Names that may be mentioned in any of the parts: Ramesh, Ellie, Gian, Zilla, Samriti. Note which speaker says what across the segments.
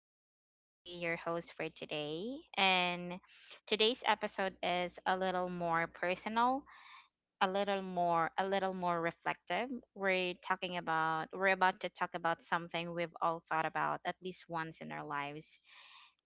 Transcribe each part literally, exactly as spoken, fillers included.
Speaker 1: This is Ellie, your host for today. And today's episode is a little more personal, a little more, a little more reflective. We're talking about, we're about to talk about something we've all thought about at least once in our lives,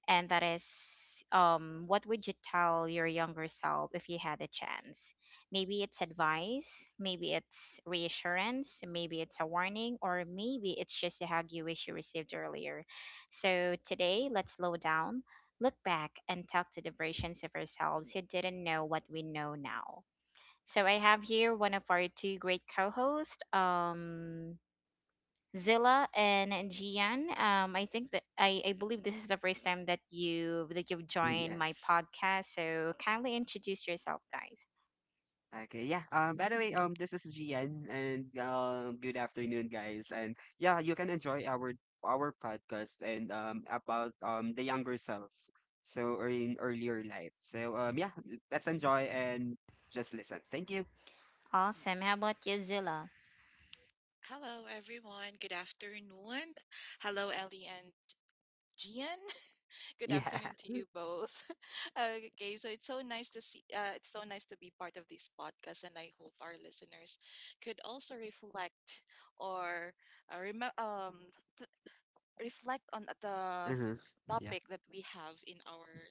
Speaker 1: and that is um what would you tell your younger self if you had a chance? Maybe it's advice, maybe it's reassurance, maybe it's a warning, or maybe it's just a hug you wish you received earlier. So today, let's slow down, look back, and talk to the versions of ourselves who didn't know what we know now. So I have here one of our two great co-hosts, um Zilla and Gian. Um, I think that I, I believe this is the first time that you that you've joined my
Speaker 2: Yes.
Speaker 1: podcast. So kindly introduce yourself, guys.
Speaker 2: Okay, yeah. Um, by the way, um, this is Gian, and um, good afternoon, guys. And yeah, you can enjoy our our podcast and um about um the younger self, so or in earlier life. So um, yeah, l- let's enjoy and just listen. Thank you.
Speaker 1: Awesome. How about you, Zilla?
Speaker 3: Hello, everyone. Good afternoon. Hello, Ellie and Gian. Good
Speaker 2: Yeah.
Speaker 3: afternoon to you both. okay, so it's so nice to see. Uh, it's so nice to be part of this podcast, and I hope our listeners could also reflect or uh, rem- um, reflect on the
Speaker 2: Mm-hmm. Yeah.
Speaker 3: topic that we have in our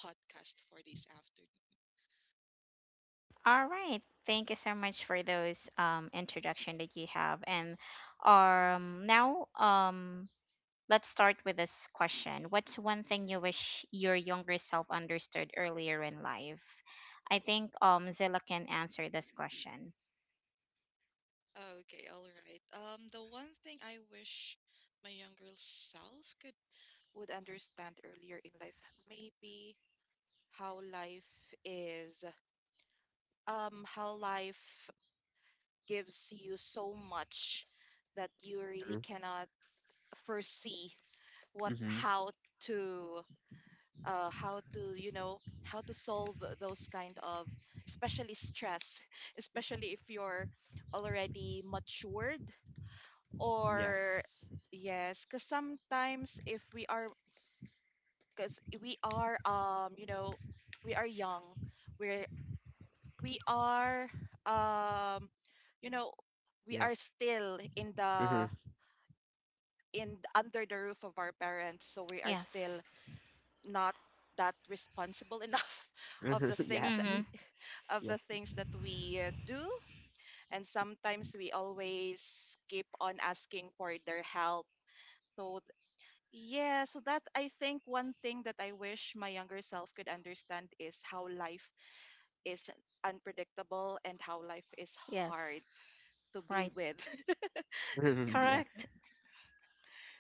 Speaker 3: podcast for this afternoon.
Speaker 1: All right. Thank you so much for those um introduction that you have. And um now um let's start with this question. What's one thing you wish your younger self understood earlier in life? I think um Zilla can answer this question.
Speaker 3: Okay, all right. Um, the one thing I wish my younger self could would understand earlier in life, maybe how life is um how life gives you so much that you really
Speaker 2: Mm-hmm.
Speaker 3: cannot foresee what
Speaker 2: mm-hmm,
Speaker 3: how to uh how to you know how to solve those kind of, especially stress. Especially if you're already matured, or
Speaker 2: Yes.
Speaker 3: yes, because sometimes if we are because we are, um you know we are young, we're we are um you know we
Speaker 2: Yeah.
Speaker 3: are still in
Speaker 2: Mm-hmm.
Speaker 3: the in the- under the roof of our parents, so we are still
Speaker 1: Yes.
Speaker 3: not that responsible enough of the
Speaker 2: Yeah.
Speaker 3: things
Speaker 1: Mm-hmm.
Speaker 3: of
Speaker 2: Yeah.
Speaker 3: the things that we uh, do, and sometimes we always keep on asking for their help. so th- yeah, so that I think one thing that I wish my younger self could understand is how life is unpredictable and how life is hard
Speaker 1: Yes.
Speaker 3: to be
Speaker 1: Right.
Speaker 3: with.
Speaker 2: Mm-hmm. Yeah.
Speaker 1: Correct.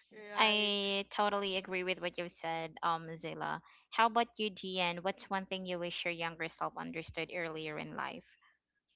Speaker 3: Right.
Speaker 1: I totally agree with what you said, um, Zilla. How about you, Gian? What's one thing you wish your younger self understood earlier in life?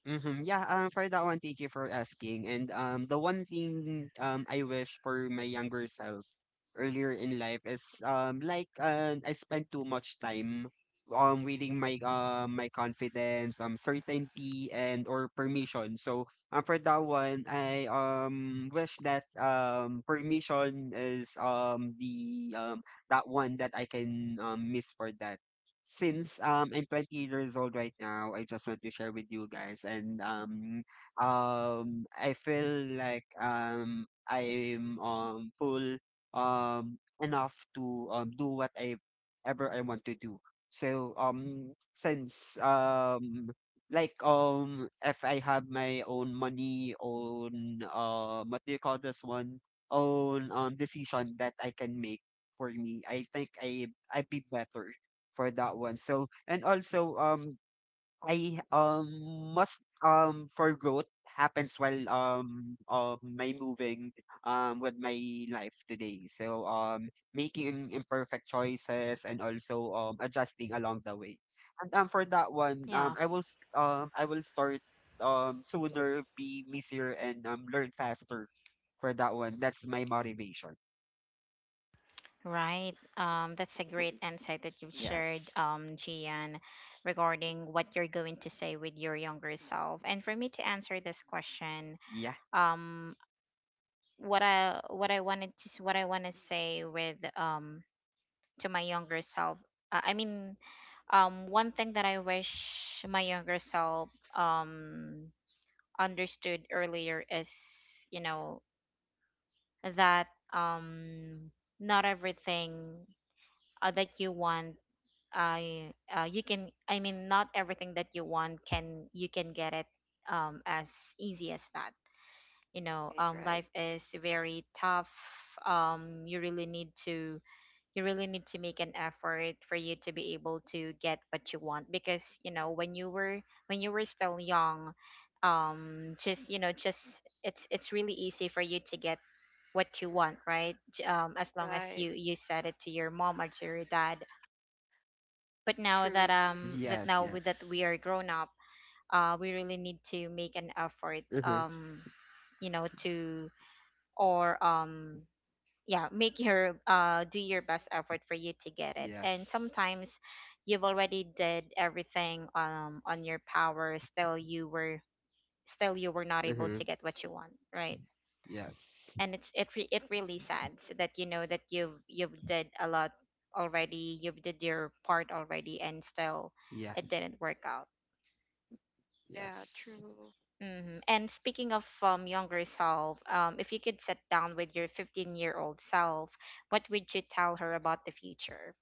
Speaker 2: Mm-hmm. Yeah, um, for that one, thank you for asking. And um, the one thing um I wish for my younger self earlier in life is um like uh, I spent too much time um reading my um, my confidence, um certainty and or permission. So um for that one, I um wish that um permission is um the um that one that I can um miss for that since um I'm twenty years old right now, I just want to share with you guys and um um I feel like um I'm um full um enough to um do what I ever I want to do. So um since um like um if I have my own money, own uh what do you call this one? Own um decision that I can make for me, I think I I'd be better for that one. So and also um I um must um for growth happens while um um my moving um with my life today. So um making imperfect choices and also um adjusting along the way. And um for that one, um
Speaker 1: Yeah.
Speaker 2: I will s- um I will start um sooner, be busier and um learn faster for that one. That's my motivation.
Speaker 1: Right. Um, that's a great insight that you've shared,
Speaker 2: yes.
Speaker 1: um, Gian, regarding what you're going to say with your younger self. And for me to answer this question,
Speaker 2: Yeah.
Speaker 1: um, what I what I wanted to s- what I want to say with um to my younger self, uh, I mean, um, one thing that I wish my younger self um understood earlier is, you know, that um not everything uh, that you want I uh, you can I mean not everything that you want can you can get it um as easy as that. You know,
Speaker 3: Right,
Speaker 1: um
Speaker 3: right,
Speaker 1: life is very tough. Um you really need to you really need to make an effort for you to be able to get what you want because, you know, when you were when you were still young, um just you know, just it's it's really easy for you to get what you want, right? J- Um as long as
Speaker 3: right.
Speaker 1: you you said it to your mom or to your dad. But now
Speaker 3: True,
Speaker 1: that
Speaker 3: true.
Speaker 1: um that
Speaker 2: Yes,
Speaker 1: now with that we
Speaker 2: yes.
Speaker 1: are grown up, uh, we really need to make an effort,
Speaker 2: Mhm.
Speaker 1: um you know to or um yeah, make your uh do your best effort for you to get it. And
Speaker 2: Yes.
Speaker 1: sometimes you've already did everything um on your power, still you were still you were not able to
Speaker 2: Mm-hmm.
Speaker 1: get what you want, right?
Speaker 2: Yes.
Speaker 1: And it's it re- it really sad that, you know, that you've you've did a lot already, you've did your part already, and still
Speaker 2: Yeah.
Speaker 1: it didn't work out.
Speaker 3: Yeah,
Speaker 2: Yes.
Speaker 3: true.
Speaker 1: hmm And speaking of um, younger self, um, if you could sit down with your fifteen year old self, what would you tell her about the future?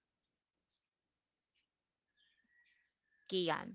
Speaker 1: Gian.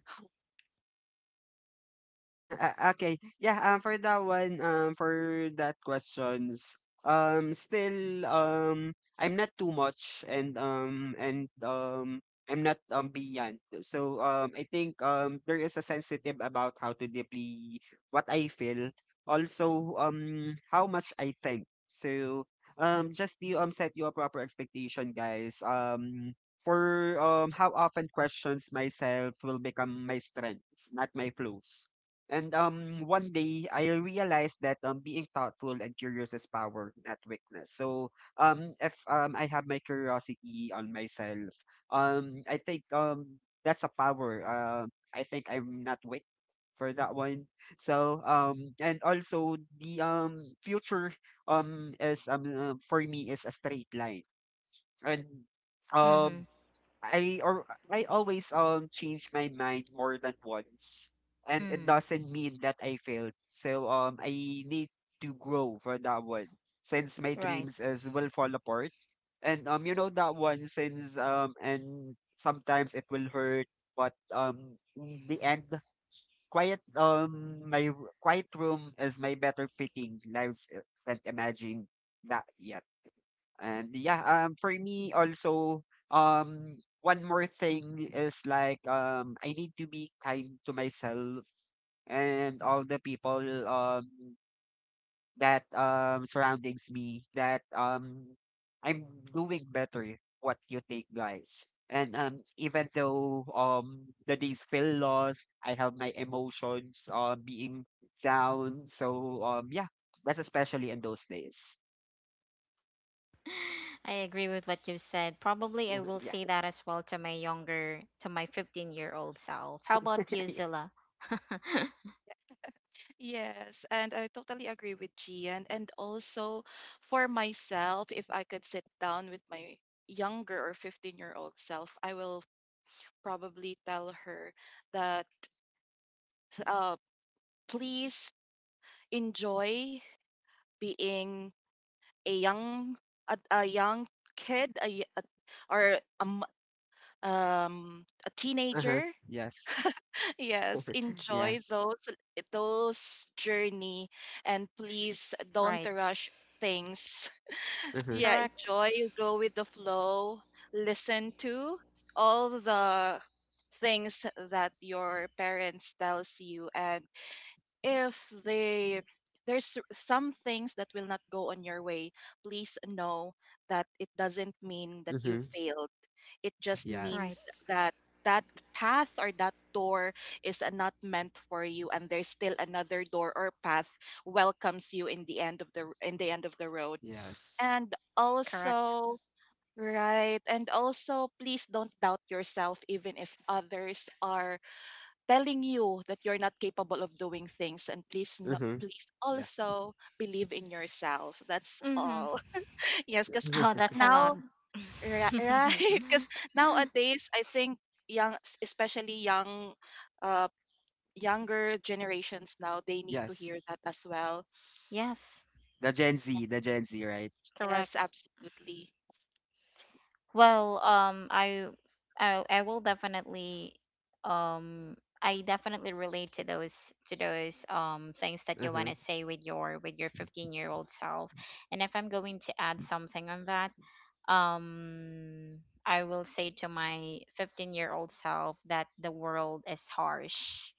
Speaker 2: Uh, uh, okay. Yeah, um for that one, um for that questions, um still um I'm not too much, and um and um I'm not um beyond. So um I think um there is a sensitive about how to deeply what I feel. Also um how much I think. So um just to um set your proper expectation, guys. Um for um how often questions myself will become my strengths, not my flaws. And um, one day I realized that um, being thoughtful and curious is power, not weakness. So um, if um, I have my curiosity on myself, um, I think um, that's a power. Um, I think I'm not weak for that one. So um, and also the um future um is um uh, for me is a straight line and.
Speaker 1: Mm-hmm.
Speaker 2: Um, I or I always um change my mind more than once, and it
Speaker 1: Mm-hmm.
Speaker 2: doesn't mean that I failed. So um I need to grow for that one since my
Speaker 1: Right.
Speaker 2: dreams is will fall apart, and um you know that one since um and sometimes it will hurt, but um in the end quiet um my r- quiet room is my better fitting lives, uh, can't imagine that yet. And yeah, um, for me also, um, one more thing is like um, I need to be kind to myself and all the people um that um surroundings me, that um I'm doing better, what you think, guys. And um even though um the days feel lost, I have my emotions, uh, being down. So um yeah, that's especially in those days.
Speaker 1: I agree with what you said. Probably I will say that as well to my younger, to my fifteen year old self. How about you,
Speaker 2: Yeah.
Speaker 1: Zilla?
Speaker 3: Yes, and I totally agree with Gian. And also for myself, if I could sit down with my younger or fifteen-year-old self, I will probably tell her that, uh, please enjoy being a young a, a young kid, a, y- a- or a, m- um a
Speaker 2: Uh-huh.
Speaker 3: teenager.
Speaker 2: Yes.
Speaker 3: Yes, enjoy
Speaker 2: Yes.
Speaker 3: those those journey, and please don't
Speaker 1: Right.
Speaker 3: rush things.
Speaker 2: Uh-huh.
Speaker 3: Yeah,
Speaker 1: Correct.
Speaker 3: enjoy, go with the flow, listen to all the things that your parents tells you, and if they there's s- some things that will not go on your way, please know that it doesn't mean that you
Speaker 2: Mm-hmm.
Speaker 3: failed. It just means
Speaker 1: Right.
Speaker 2: Yes.
Speaker 3: that that path or that door is, uh, not meant for you, and there's still another door or path welcomes you in the end of the in the end of the road.
Speaker 2: Yes.
Speaker 3: And
Speaker 1: Correct.
Speaker 3: also, right, and also please don't doubt yourself even if others are telling you that you're not capable of doing things, and please no,
Speaker 2: Mm-hmm.
Speaker 3: please
Speaker 2: Yeah.
Speaker 3: also believe in yourself. That's
Speaker 1: Mm-hmm.
Speaker 3: all. Yes, because
Speaker 1: Oh, that's a lot.
Speaker 3: now ri- right, because nowadays I think young, especially young uh younger generations now, they need to
Speaker 2: Yes.
Speaker 3: hear that as well.
Speaker 1: Yes.
Speaker 2: The Gen Z, the Gen Z, right?
Speaker 3: Yes,
Speaker 1: Correct.
Speaker 3: absolutely.
Speaker 1: Well, um, I, I, I will definitely, um, I definitely relate to those to those um things that you want
Speaker 2: Mm-hmm.
Speaker 1: to say with your with your fifteen year old self. And if I'm going to add something on that, um, I will say to my fifteen year old self that the world is harsh.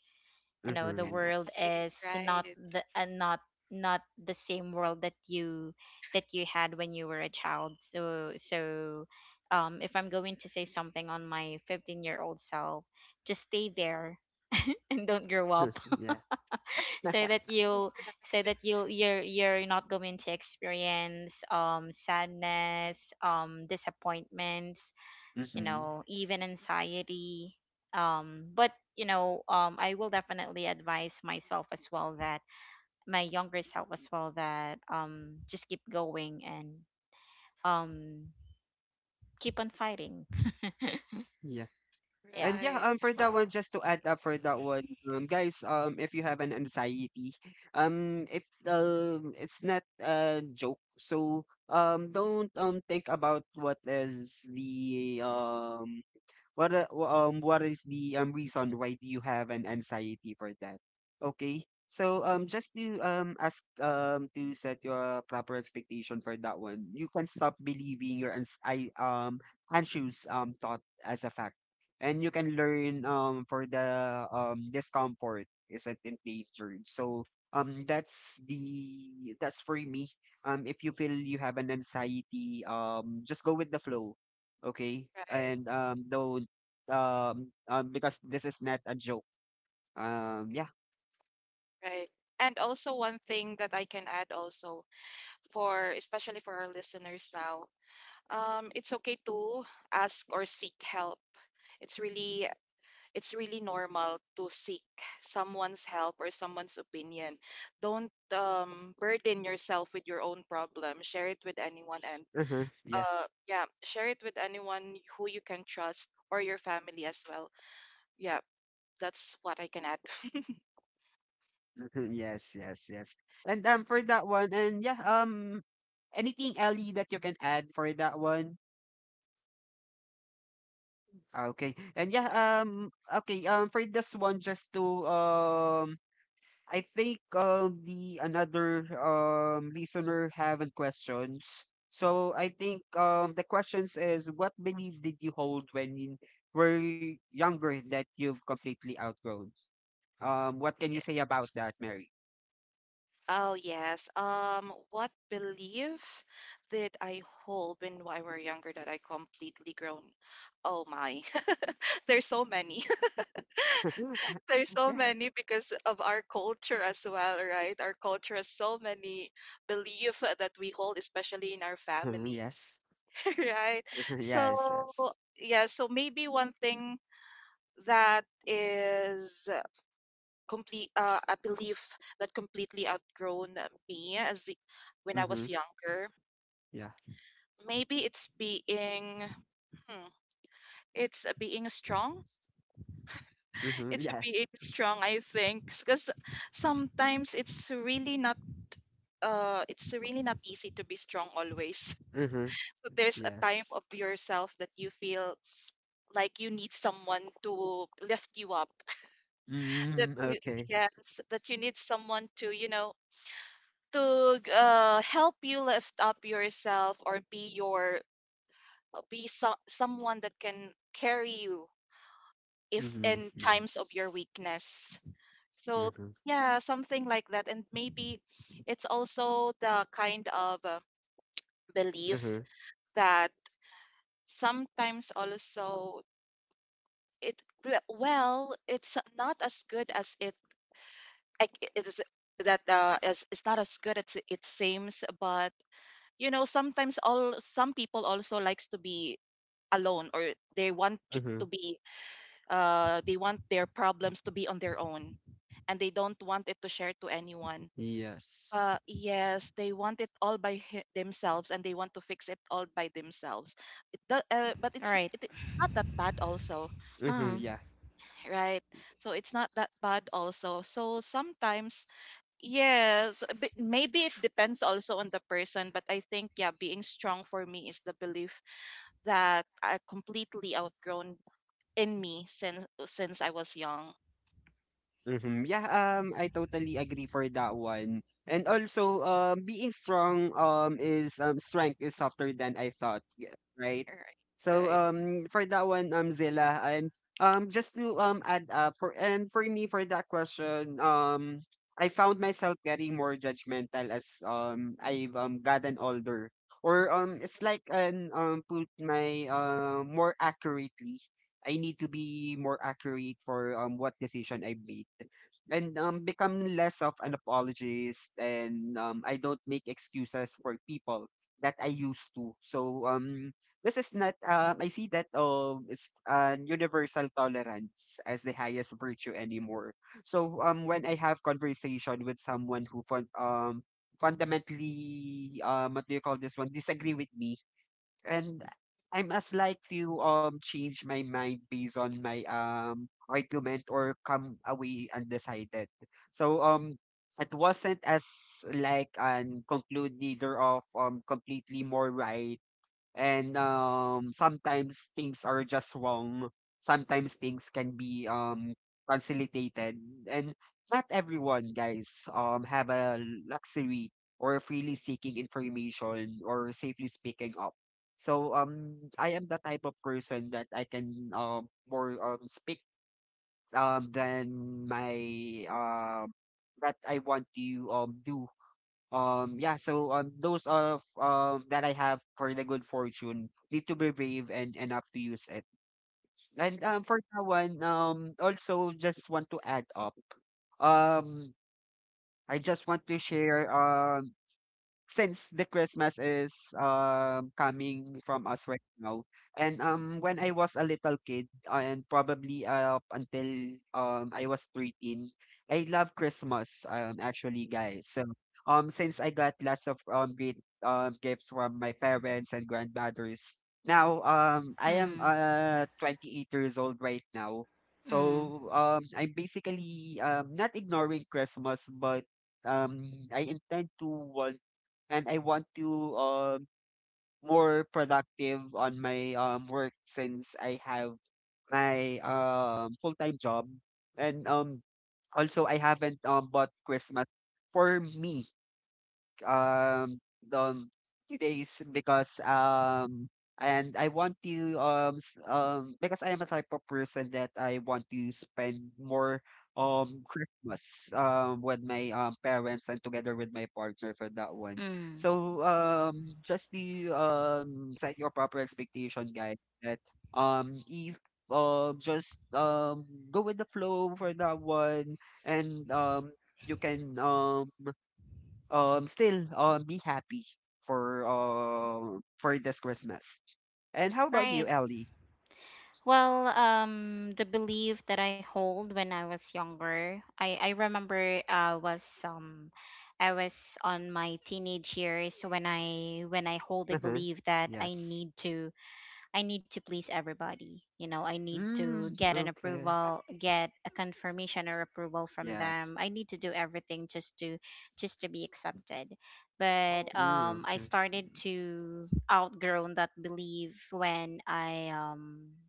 Speaker 1: You know, the
Speaker 2: Mm-hmm.
Speaker 1: world
Speaker 2: Yes.
Speaker 3: Right,
Speaker 1: is not
Speaker 3: right.
Speaker 1: the uh, not not the same world that you that you had when you were a child. So, so, um, if I'm going to say something on my fifteen year old self, just stay there and don't grow up,
Speaker 2: Yeah.
Speaker 1: so that you'll so that you'll, you're you're not going to experience um sadness, um disappointments, you
Speaker 2: Mm-hmm.
Speaker 1: know, even anxiety. Um, but you know, um, I will definitely advise myself as well that my younger self as well that um, just keep going and um, keep on fighting.
Speaker 2: Yeah.
Speaker 1: Yeah.
Speaker 2: And yeah,
Speaker 3: Right.
Speaker 2: um, for that one, just to add up for that one, um, guys, um, if you have an anxiety, um, it um, it's not a joke. So, um, don't um think about what is the um What uh, w- um what is the um reason why do you have an anxiety for that? Okay. So um just to um ask, um to set your proper expectation for that one, you can stop believing your ans I um anxious um thought as a fact. And you can learn um for the um discomfort isn't endangered. So um that's the that's for me. Um if you feel you have an anxiety, um just go with the flow, okay,
Speaker 3: Right, right,
Speaker 2: and um don't, um, um, because this is not a joke. Um, yeah,
Speaker 3: right. And also one thing that I can add also for especially for our listeners now, um, it's okay to ask or seek help. It's really, it's really normal to seek someone's help or someone's opinion. Don't, um, burden yourself with your own problem. Share it with anyone, and
Speaker 2: uh-huh, yeah,
Speaker 3: uh yeah, share it with anyone who you can trust, or your family as well. Yeah, that's what I can add.
Speaker 2: mhm, yes, yes, yes. And um, for that one, and yeah, um, anything, Ellie, that you can add for that one? Okay, and yeah, um, okay, um, for this one, just to um, I think um the another um listener haven't questions. So I think um the questions is, what belief did you hold when you were younger that you've completely outgrown? Um, what can you say about that, Mary?
Speaker 3: Oh, yes. Um, what belief did I hold when I were younger that I completely grown? Oh my, there's so many. There's so
Speaker 2: Yeah.
Speaker 3: many because of our culture as well, right? Our culture has so many belief, uh, that we hold, especially in our
Speaker 2: Mhm.
Speaker 3: family.
Speaker 2: Yes.
Speaker 3: Right? So
Speaker 2: Yes. Yes.
Speaker 3: yeah, so maybe one thing that is, uh, complete uh, a belief that completely outgrown me as the- when I
Speaker 2: Mm-hmm.
Speaker 3: was younger.
Speaker 2: Yeah.
Speaker 3: Maybe it's being, hmm, it's a being strong.
Speaker 2: Mm-hmm.
Speaker 3: It's a
Speaker 2: Yeah.
Speaker 3: being strong, I think, because sometimes it's really not, uh it's really not easy to be strong always.
Speaker 2: Mm-hmm.
Speaker 3: So there's a time
Speaker 2: Yes.
Speaker 3: of yourself that you feel like you need someone to lift you up. That
Speaker 2: Mm-hmm.
Speaker 3: you
Speaker 2: Okay.
Speaker 3: Yes, that you need someone to, you know, to uh, help you lift up yourself, or be your, be some someone that can carry you, if
Speaker 2: Mm-hmm.
Speaker 3: in times of
Speaker 2: Yes.
Speaker 3: your weakness. So,
Speaker 2: Mm-hmm.
Speaker 3: yeah, something like that. And maybe it's also the kind of, uh,
Speaker 2: Mm-hmm.
Speaker 3: belief that sometimes also, it well, it's not as good as it, like, it is that uh, as it's not as good as it seems. But, you know, sometimes all some people also likes to be alone, or they want to
Speaker 2: Mm-hmm.
Speaker 3: to be uh, they want their problems to be on their own, and they don't want it to share to anyone.
Speaker 2: Yes.
Speaker 3: Uh, yes, they want it all by hi- themselves, and they want to fix it all by themselves. It, do- uh, but
Speaker 1: All
Speaker 3: it's
Speaker 1: right.
Speaker 3: it, it's not that bad also,
Speaker 2: Mm-hmm.
Speaker 1: Uh,
Speaker 2: Yeah.
Speaker 3: right? So it's not that bad also. So sometimes, yes, b- maybe it depends also on the person, but I think, yeah, being strong for me is the belief that I completely outgrown in me since since I was young.
Speaker 2: Mhm. Yeah, um, I totally agree for that one. And also, um, being strong, um, is um, strength is softer than I thought, yeah, right?
Speaker 3: All right.
Speaker 2: So,
Speaker 3: Right.
Speaker 2: um, for that one, um, Zilla, and um, just to um add up for, and for me for that question, um, I found myself getting more judgmental as um I've um gotten older, or um, it's like an um put my, uh, more accurately I need to be more accurate for um what decision I made, and um become less of an apologist, and um I don't make excuses for people that I used to. So um this is not, um I see that um it's, uh, universal tolerance as the highest virtue anymore. So um when I have conversation with someone who fun- um fundamentally, um what do you call this one, disagree with me, and I'm as like to um change my mind based on my um argument or come away undecided. So um it wasn't as like an conclude neither of um completely more right, and um sometimes things are just wrong, sometimes things can be um facilitated, and not everyone, guys, um have a luxury or freely seeking information or safely speaking up. So um I am the type of person that I can um more um speak um than my um that I want to um do. Um, yeah, so um, those of um that I have, for the good fortune need to be brave, and and up to use it. And um, for that one, um, also just want to add up. Um, I just want to share um since the Christmas is um coming from us right now, and um when I was a little kid and probably, uh, up until um I was thirteen, I love Christmas um actually, guys. So um since I got lots of um great um gifts from my parents and grandmothers. Now um I am
Speaker 1: mm,
Speaker 2: uh twenty-eight years old right now.
Speaker 1: mm,
Speaker 2: So um I'm basically um not ignoring Christmas, but um I intend to want, and I want to um more productive on my um work since I have my um full time job, and um also I haven't um bought Christmas for me um the few days because um and I want to, um s- um because I am a type of person that I want to spend more um Christmas um with my um parents and together with my partner for that one.
Speaker 1: mm.
Speaker 2: So um just to um set your proper expectation, guys, that um if um just um go with the flow for that one, and um you can um um still um be happy for um for this Christmas. And how about you,
Speaker 1: Right.
Speaker 2: Ellie?
Speaker 1: Well, um, the belief that I hold when I was younger, I I remember uh was um I was on my teenage years when I when I hold the
Speaker 2: Uh-huh.
Speaker 1: belief that I
Speaker 2: Yes.
Speaker 1: need to I need to please everybody. You know, I need
Speaker 2: Mm,
Speaker 1: to get an
Speaker 2: okay.
Speaker 1: approval,
Speaker 3: Right.
Speaker 1: get a confirmation or approval from
Speaker 2: Yeah.
Speaker 1: them. I need to do everything just to just to be accepted. But
Speaker 3: Oh,
Speaker 2: Mm,
Speaker 1: um I
Speaker 2: okay.
Speaker 1: started to outgrow that belief when I um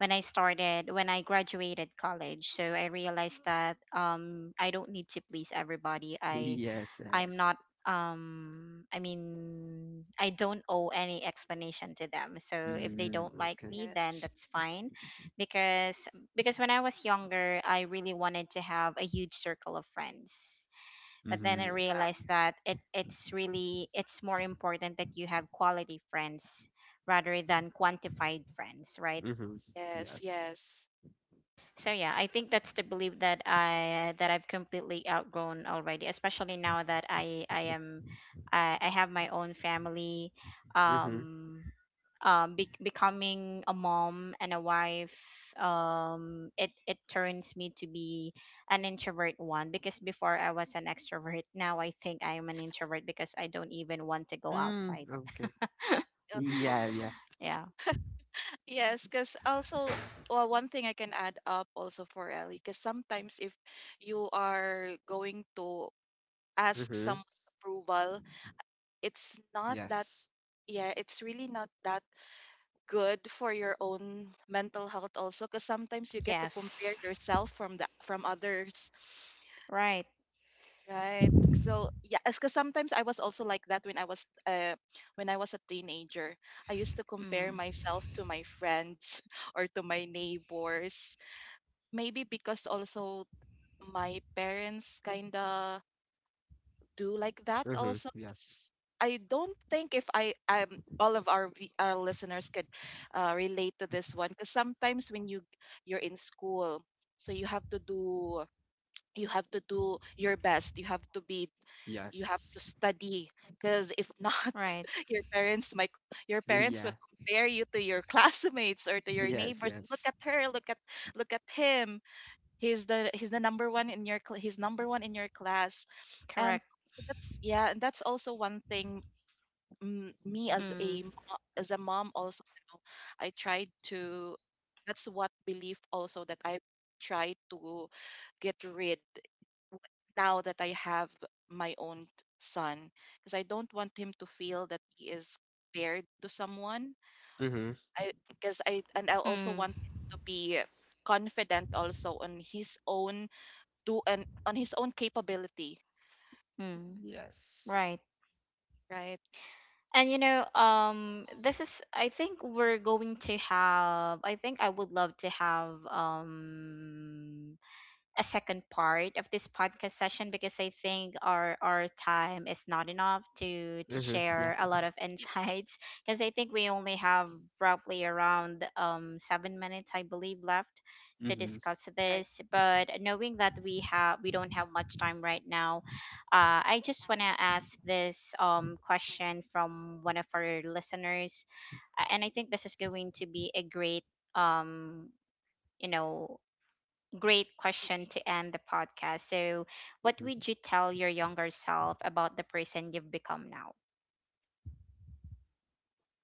Speaker 1: when I started, when I graduated college. So I realized that, um, I don't need to please everybody. I
Speaker 2: Yes,
Speaker 1: I'm
Speaker 2: yes.
Speaker 1: not um I mean, I don't owe any explanation to them, so if they
Speaker 2: Mm,
Speaker 1: don't like
Speaker 2: okay.
Speaker 1: me, then
Speaker 3: yes.
Speaker 1: that's fine. Because because when I was younger, I really wanted to have a huge circle of friends. But
Speaker 3: Mm,
Speaker 1: then
Speaker 2: Mm-hmm,
Speaker 1: I
Speaker 3: yeah.
Speaker 2: yes.
Speaker 1: realized that it it's really, it's more important that you have quality friends rather than
Speaker 3: Mm,
Speaker 1: quantified friends, right?
Speaker 2: Mm-hmm,
Speaker 3: yes,
Speaker 2: yes.
Speaker 3: yes.
Speaker 1: So, yeah, I think that's the belief that I that I've completely outgrown already, especially now that I I am, I, I have my own family,
Speaker 2: Mm-hmm.
Speaker 1: um, um, be- becoming a mom and a wife. Um, it it turns me to be an introvert one, because before I was an extrovert. Now I think I am an introvert because I don't even want to go
Speaker 2: Mm,
Speaker 1: outside.
Speaker 2: okay.
Speaker 3: Uh,
Speaker 2: Yeah, yeah.
Speaker 1: Yeah.
Speaker 3: Yes, because also, well, one thing I can add up also for Ellie, because sometimes if you are going to ask
Speaker 2: Mm-hmm.
Speaker 3: someone's approval, it's not that,
Speaker 2: Yes.
Speaker 3: yeah, it's really not that good for your own mental health also, because sometimes you get to compare
Speaker 1: Yes.
Speaker 3: yourself from the from others.
Speaker 1: Right.
Speaker 3: Right. So yeah, because sometimes I was also like that when I was, uh when I was a teenager. I used to compare
Speaker 1: Mm.
Speaker 3: myself to my friends or to my neighbors. Maybe because also my parents kinda do like that
Speaker 2: Mm-hmm.
Speaker 3: also. It's-
Speaker 2: Yes.
Speaker 3: I don't think if I um All of our vi- our listeners could, uh, relate to this one, because sometimes when you you're in school, so you have to do you have to do your best. You have to be you have to
Speaker 2: Yes.
Speaker 3: study, because if not,
Speaker 1: Right.
Speaker 3: your parents might your parents will
Speaker 2: Yeah.
Speaker 3: compare you to your classmates or to your
Speaker 2: Yes,
Speaker 3: neighbors. Look
Speaker 2: yes.
Speaker 3: at her, look at look at him, he's the he's the number one in your cl- he's number one in your class. And
Speaker 1: Correct.
Speaker 3: so that's, yeah, and that's also one thing, mm, me as a
Speaker 1: Mm.
Speaker 3: mo- as a mom also, I tried to that's what belief also that I try to get rid now that I have my own son, because I don't want him to feel that he is compared to someone.
Speaker 2: Mm-hmm.
Speaker 3: I because I and I also
Speaker 1: Mm,
Speaker 3: want him to be confident also on his own do and on his own capability.
Speaker 1: mm,
Speaker 2: Yes.
Speaker 1: right.
Speaker 3: Right,
Speaker 1: And you know, um, this is, I think we're going to have, I think I would love to have um a second part of this podcast session, because I think our our time is not enough to to
Speaker 2: Mm-hmm. Yeah.
Speaker 1: share a lot of insights because I think we only have roughly around um seven minutes, I believe, left to
Speaker 2: Mm-hmm.
Speaker 1: discuss
Speaker 3: right.
Speaker 1: this. But knowing that we have we don't have much time right now, uh, I just want to ask this um question from one of our listeners. Uh, and I think this is going to be a great um you know great question to end the podcast. So, what would you tell your younger self about the person you've become now?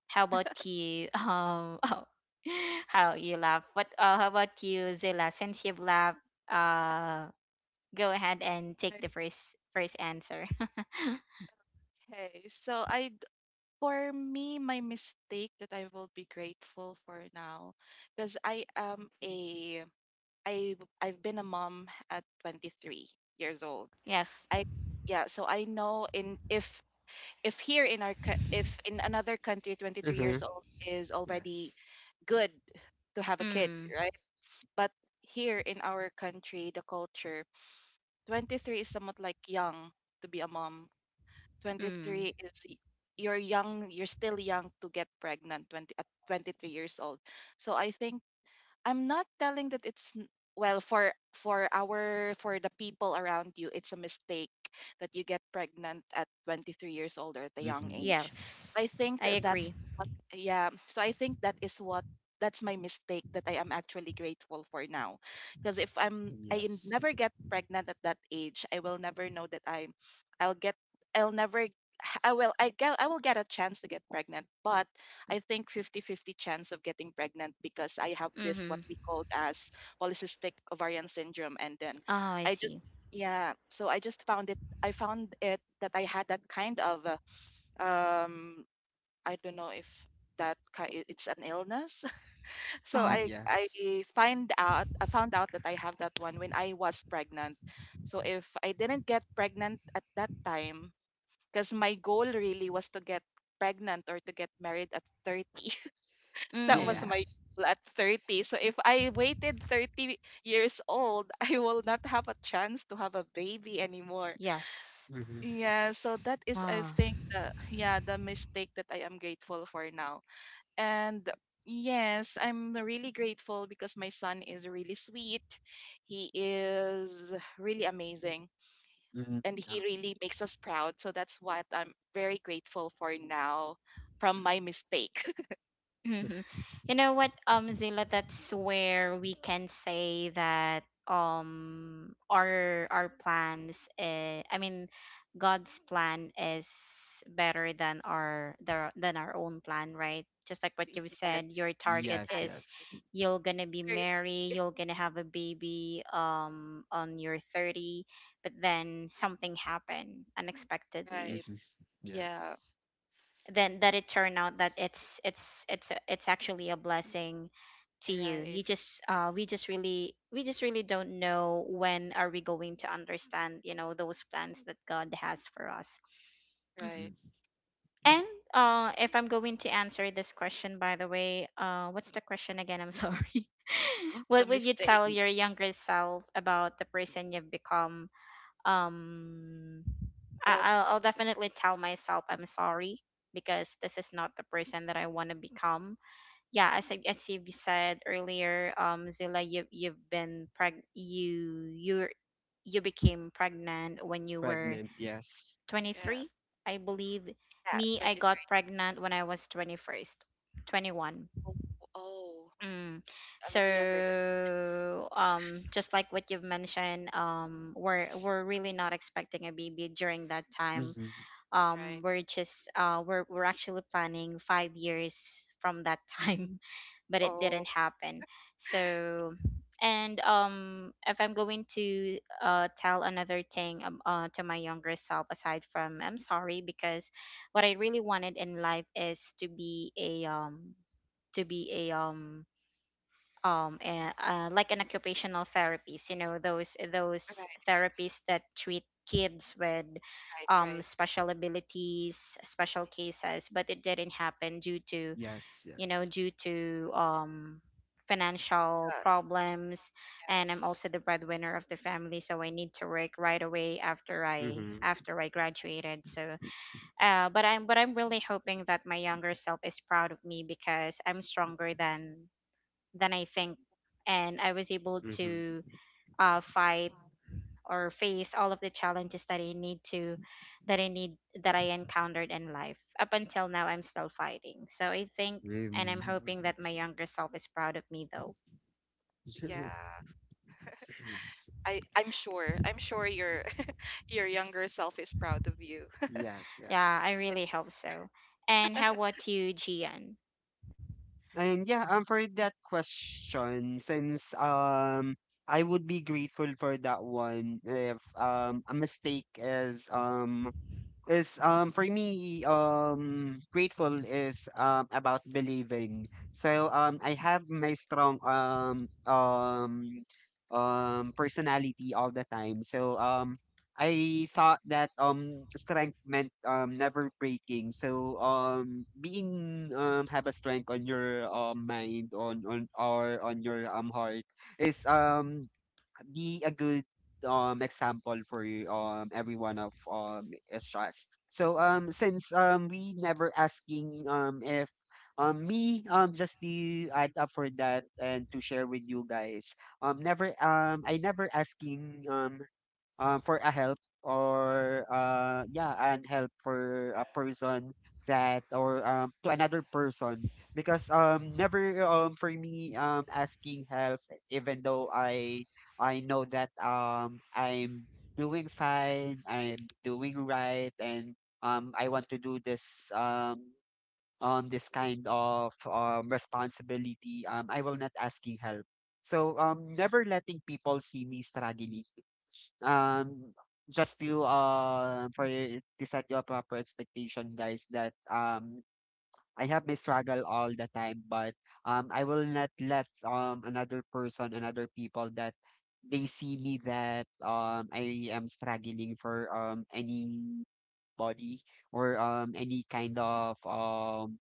Speaker 1: How about you? Um, oh, how you laugh? What? Uh, how about you, Zilla? Since you've laughed, uh, go ahead and take the first first answer.
Speaker 3: Okay. So I d- for me, my mistake that I will be grateful for now, because I am a, I I've been a mom at twenty-three years old.
Speaker 1: Yes.
Speaker 3: I Yeah, so I know, in if if here in our co- if in another country, twenty-three years
Speaker 2: Mhm.
Speaker 3: old is already
Speaker 2: Yes.
Speaker 3: good to have a kid,
Speaker 1: Mm.
Speaker 3: right? But here in our country, the culture, twenty-three is somewhat like young to be a mom.
Speaker 1: Mm.
Speaker 3: twenty-three is y- you're young, you're still young to get pregnant, twenty at twenty-three years old. So I think I'm not telling that it's n- well, for for our for the people around you, it's a mistake that you get pregnant at twenty-three years old or at a young
Speaker 2: Mhm.
Speaker 3: age.
Speaker 1: Yes.
Speaker 3: I think
Speaker 1: I
Speaker 3: that's
Speaker 1: agree.
Speaker 3: what yeah, so I think that is what that's my mistake that I am actually grateful for now. Because if I'm I n-
Speaker 2: Yes.
Speaker 3: never get pregnant at that age, I will never know that I, I'll get I'll never I will I get I will get a chance to get pregnant, but I think fifty-fifty chance of getting pregnant because I have this
Speaker 1: Mm-hmm.
Speaker 3: what we called as polycystic ovarian syndrome. And then
Speaker 1: Oh, I
Speaker 3: I just
Speaker 1: see.
Speaker 3: yeah, so I just found it I found it that I had that kind of, uh, um I don't know if that ki- i- it's an illness. So
Speaker 1: Oh.
Speaker 3: I I
Speaker 2: Yes.
Speaker 3: find out I found out that I have that one when I was pregnant. So if I didn't get pregnant at that time, because my goal really was to get pregnant or to get married at thirty. That was
Speaker 2: Yeah.
Speaker 1: Mm.
Speaker 3: my goal at thirty. So if I waited thirty years old, I will not have a chance to have a baby anymore.
Speaker 1: Yes.
Speaker 2: Mhm.
Speaker 3: Yeah, so that is, I
Speaker 1: Ah.
Speaker 3: think, the yeah, the mistake that I am grateful for now. And yes, I'm really grateful because my son is really sweet. He is really amazing,
Speaker 2: Mhm.
Speaker 3: and he
Speaker 2: Okay.
Speaker 3: really makes us proud. So that's what I'm very grateful for now from my mistake.
Speaker 1: hmm You know what, um, Zila, that's where we can say that um our our plans, uh, I mean, God's plan is better than our the, than our own plan, right? Just like what you said, your
Speaker 3: Yes,
Speaker 1: target
Speaker 2: Yes,
Speaker 1: is
Speaker 3: exactly.
Speaker 2: yes.
Speaker 1: you're gonna be
Speaker 3: thirty.
Speaker 1: married,
Speaker 3: Is
Speaker 1: you're gonna have a baby um on your thirty, but then something happened unexpectedly,
Speaker 3: right.
Speaker 2: Mhm.
Speaker 3: Yeah.
Speaker 2: Yes.
Speaker 1: then that it turned out that it's it's it's a- it's actually a blessing to you.
Speaker 3: Right.
Speaker 1: You just uh we just really we just really don't know when are we going to understand, you know, those plans that God has for us.
Speaker 3: Right.
Speaker 2: Mhm.
Speaker 1: And uh, if I'm going to answer this question, by the way, uh, what's the question again? I'm sorry.
Speaker 3: What's a
Speaker 1: What would you
Speaker 3: mistake?
Speaker 1: tell
Speaker 2: Y-
Speaker 1: your younger self about the person you've become? um I,
Speaker 3: Uh,
Speaker 1: I'll, I'll definitely tell myself, I'm sorry, because this is not the person that I want to become. Yeah, as I, as you said earlier, um, Zilla, you you've been preg you you, you became pregnant when you were
Speaker 2: Pregnant, yes.
Speaker 3: yeah.
Speaker 1: twenty-three, I believe.
Speaker 3: Yeah.
Speaker 1: Me, I got
Speaker 3: twenty-three.
Speaker 1: pregnant when I was twenty-first, twenty-one.
Speaker 3: Oh, oh,
Speaker 1: Mm.
Speaker 3: a little younger than
Speaker 1: So, um, just like what you've mentioned, um, we're we're really not expecting a baby during that time.
Speaker 2: Hmm.
Speaker 3: me,
Speaker 1: Um
Speaker 3: right.
Speaker 1: we're just uh we're we're actually planning five years from that time but it didn't
Speaker 3: Oh,
Speaker 1: happen. So, and um, if I'm going to uh, tell another thing, um, uh, to my younger self aside from I'm sorry, because what I really wanted in life is to be a um to be a um um and uh, like an occupational therapist, you know, those those
Speaker 3: right,
Speaker 1: therapists that treat kids with
Speaker 3: right,
Speaker 1: um,
Speaker 3: right.
Speaker 1: special abilities, special cases. But it didn't happen due to,
Speaker 2: Yes,
Speaker 1: you know,
Speaker 2: yes.
Speaker 1: due to um, financial
Speaker 3: Uh,
Speaker 1: problems. And I'm
Speaker 3: yes.
Speaker 1: also the breadwinner of the family, so I need to work right away after I
Speaker 2: Hmm.
Speaker 1: after I graduated. So uh but I'm but I'm really hoping that my younger self is proud of me, because I'm stronger than than I think. And I was able
Speaker 2: Hmm.
Speaker 1: to uh, fight or face all of the challenges that I need to, that I need, that I encountered in life. Up until now, I'm still fighting. So I think, and I'm
Speaker 2: Mm.
Speaker 1: hoping that my younger self is proud of me though.
Speaker 3: Yeah. I I'm sure. I'm sure your your younger self is proud of you.
Speaker 2: Yes,
Speaker 1: Yeah,
Speaker 2: yes.
Speaker 1: I really hope so. And how about you, Gian?
Speaker 2: And yeah, um, for that question, since um, I would be grateful for that one if um a mistake is, um is um for me um grateful is um about believing. So um I have my strong um um um personality all the time. So um I thought that um strength meant um never breaking. So um being, um have a strength on your um mind, on on or on your um heart, is um be a good um example for you, um everyone of um us. So um since um we never asking um if um me, um just to add up for that and to share with you guys, um never um I never asking, um um, for a help or, uh, yeah, and help for a person that or, um, to another person, because um never um for me um asking help, even though I I know that um I'm doing fine, I'm doing right, and um I want to do this um um this kind of um responsibility, um I will not asking help. So um never letting people see me struggling, um just to, uh for you to set your proper expectation, guys, that um I have my struggle all the time, but um I will not let um another person, another people, that they see me that um I am struggling for um anybody or um any kind of um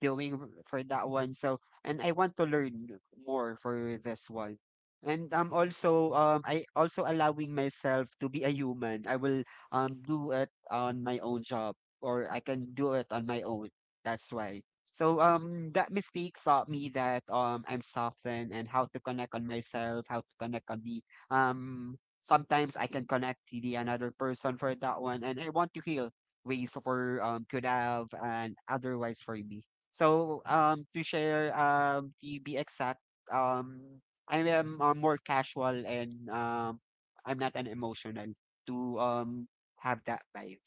Speaker 2: doing for that one. So, and I want to learn more for this one. And I'm also, um I also allowing myself to be a human. I will um do it on my own job, or I can do it on my own. That's why. So um that mistake taught me that um I'm softened and how to connect on myself, how to connect on the, um sometimes I can connect to the another person for that one, and I want to heal ways for, um could have, and otherwise for me. So um, to share, um, to be exact, um, I am, uh, more casual, and um, I'm not an emotional to um have that vibe.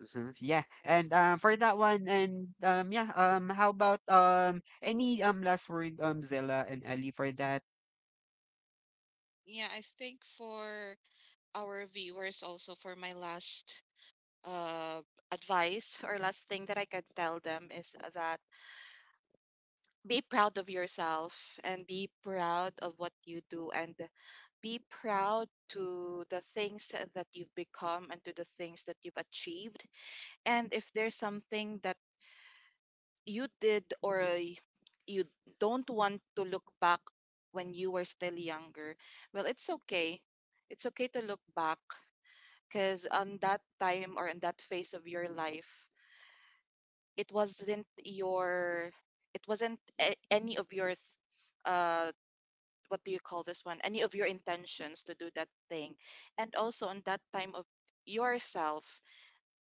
Speaker 2: Mhm. Yeah,
Speaker 3: Yeah.
Speaker 2: and um for that one, and um yeah, um how about um any um last word, um Zella and Ellie, for that?
Speaker 3: Yeah, I think for our viewers, also for my last, uh, advice or last thing that I can tell them is that, be proud of yourself, and be proud of what you do, and be proud to the things that you've become and to the things that you've achieved. And if there's something that you did or y- you don't want to look back when you were still younger, well, it's okay. It's okay to look back because on that time or in that phase of your life, it wasn't your, it wasn't a- any of your th- uh what do you call this one any of your intentions to do that thing. And also on that time of yourself,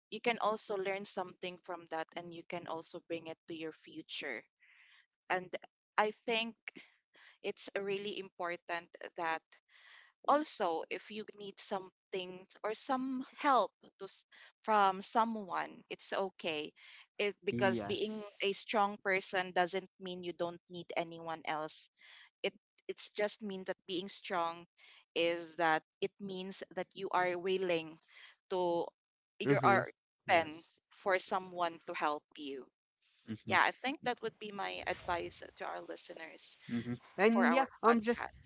Speaker 3: you can also learn something from that, and you can also bring it to your future. And I think it's really important that also, if you need something or some help, to, s- from someone, it's okay. It, because being
Speaker 2: Yes.
Speaker 3: a strong person doesn't mean you don't need anyone else. It it's just mean that being strong is that it means that you are willing to you
Speaker 2: Mm-hmm.
Speaker 3: are open
Speaker 2: Yes.
Speaker 3: for someone to help you.
Speaker 2: Mm-hmm.
Speaker 3: Yeah, I think that would be my advice to our listeners
Speaker 2: Mm-hmm. And
Speaker 3: for
Speaker 2: yeah,
Speaker 3: our
Speaker 2: um, just.
Speaker 3: podcast.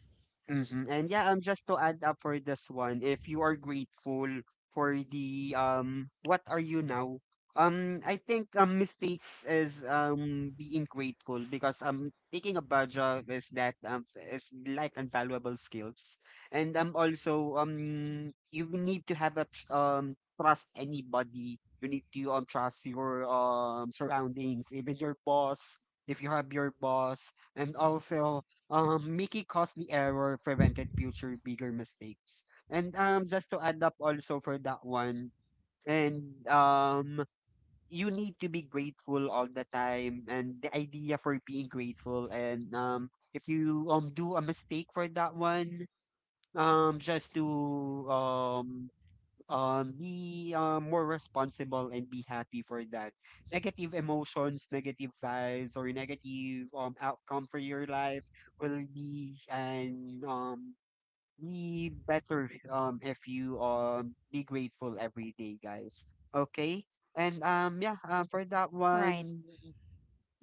Speaker 2: Mm-hmm. And yeah, um, just to add up for this one, if you are grateful for the, um, what are you now? Um, I think um, mistakes is um being grateful, because um taking a bad job is that um is like invaluable skills, and um also um you need to have a tr- um trust anybody. You need to um trust your um surroundings, even your boss. If you have your boss, and also. Um, making costly error prevented future bigger mistakes. And um, just to add up also for that one, and um, you need to be grateful all the time. And the idea for being grateful, and um, if you um do a mistake for that one, um, just to, um um be um more responsible, and be happy for that. Negative emotions, negative vibes, or negative um outcome for your life will be, and um be better um if you um be grateful every day, guys. Okay, and um yeah, um for that
Speaker 1: Right.
Speaker 2: one,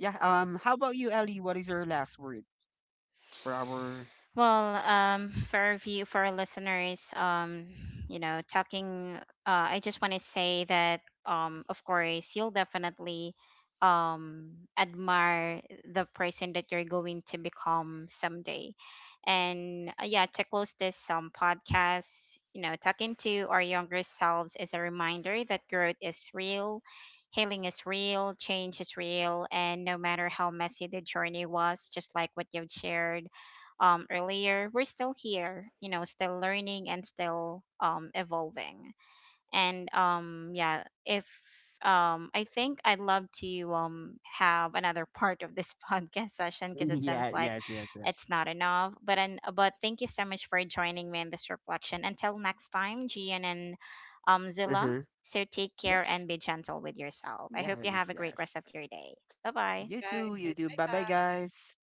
Speaker 2: yeah, um how about you, Ellie, what is your last word for our
Speaker 1: Well, um, for our view, for our listeners, um, you know, talking, uh, I just want to say that, um, of course, you'll definitely, um, admire the person that you're going to become someday. And uh, yeah, to close this um, podcast, you know, talking to our younger selves is a reminder that growth is real, healing is real, change is real, and no matter how messy the journey was, just like what you've shared um, earlier, we're still here, you know, still learning and still um, evolving. And um, yeah, if um, I think I'd love to um, have another part of this podcast session, because it seems
Speaker 2: yeah,
Speaker 1: like
Speaker 2: yes, yes, yes,
Speaker 1: it's not enough. But and but thank you so much for joining me in this reflection. Until next time, Gian and um, Zilla.
Speaker 2: uh-huh,
Speaker 1: So take care and
Speaker 2: yes,
Speaker 1: be gentle with yourself. I hope you have
Speaker 2: yes,
Speaker 1: a great rest
Speaker 2: yes.
Speaker 1: of your day. Bye bye.
Speaker 2: You
Speaker 3: Right.
Speaker 2: too, you too.
Speaker 3: Bye
Speaker 2: Bye bye,
Speaker 3: bye.
Speaker 2: guys.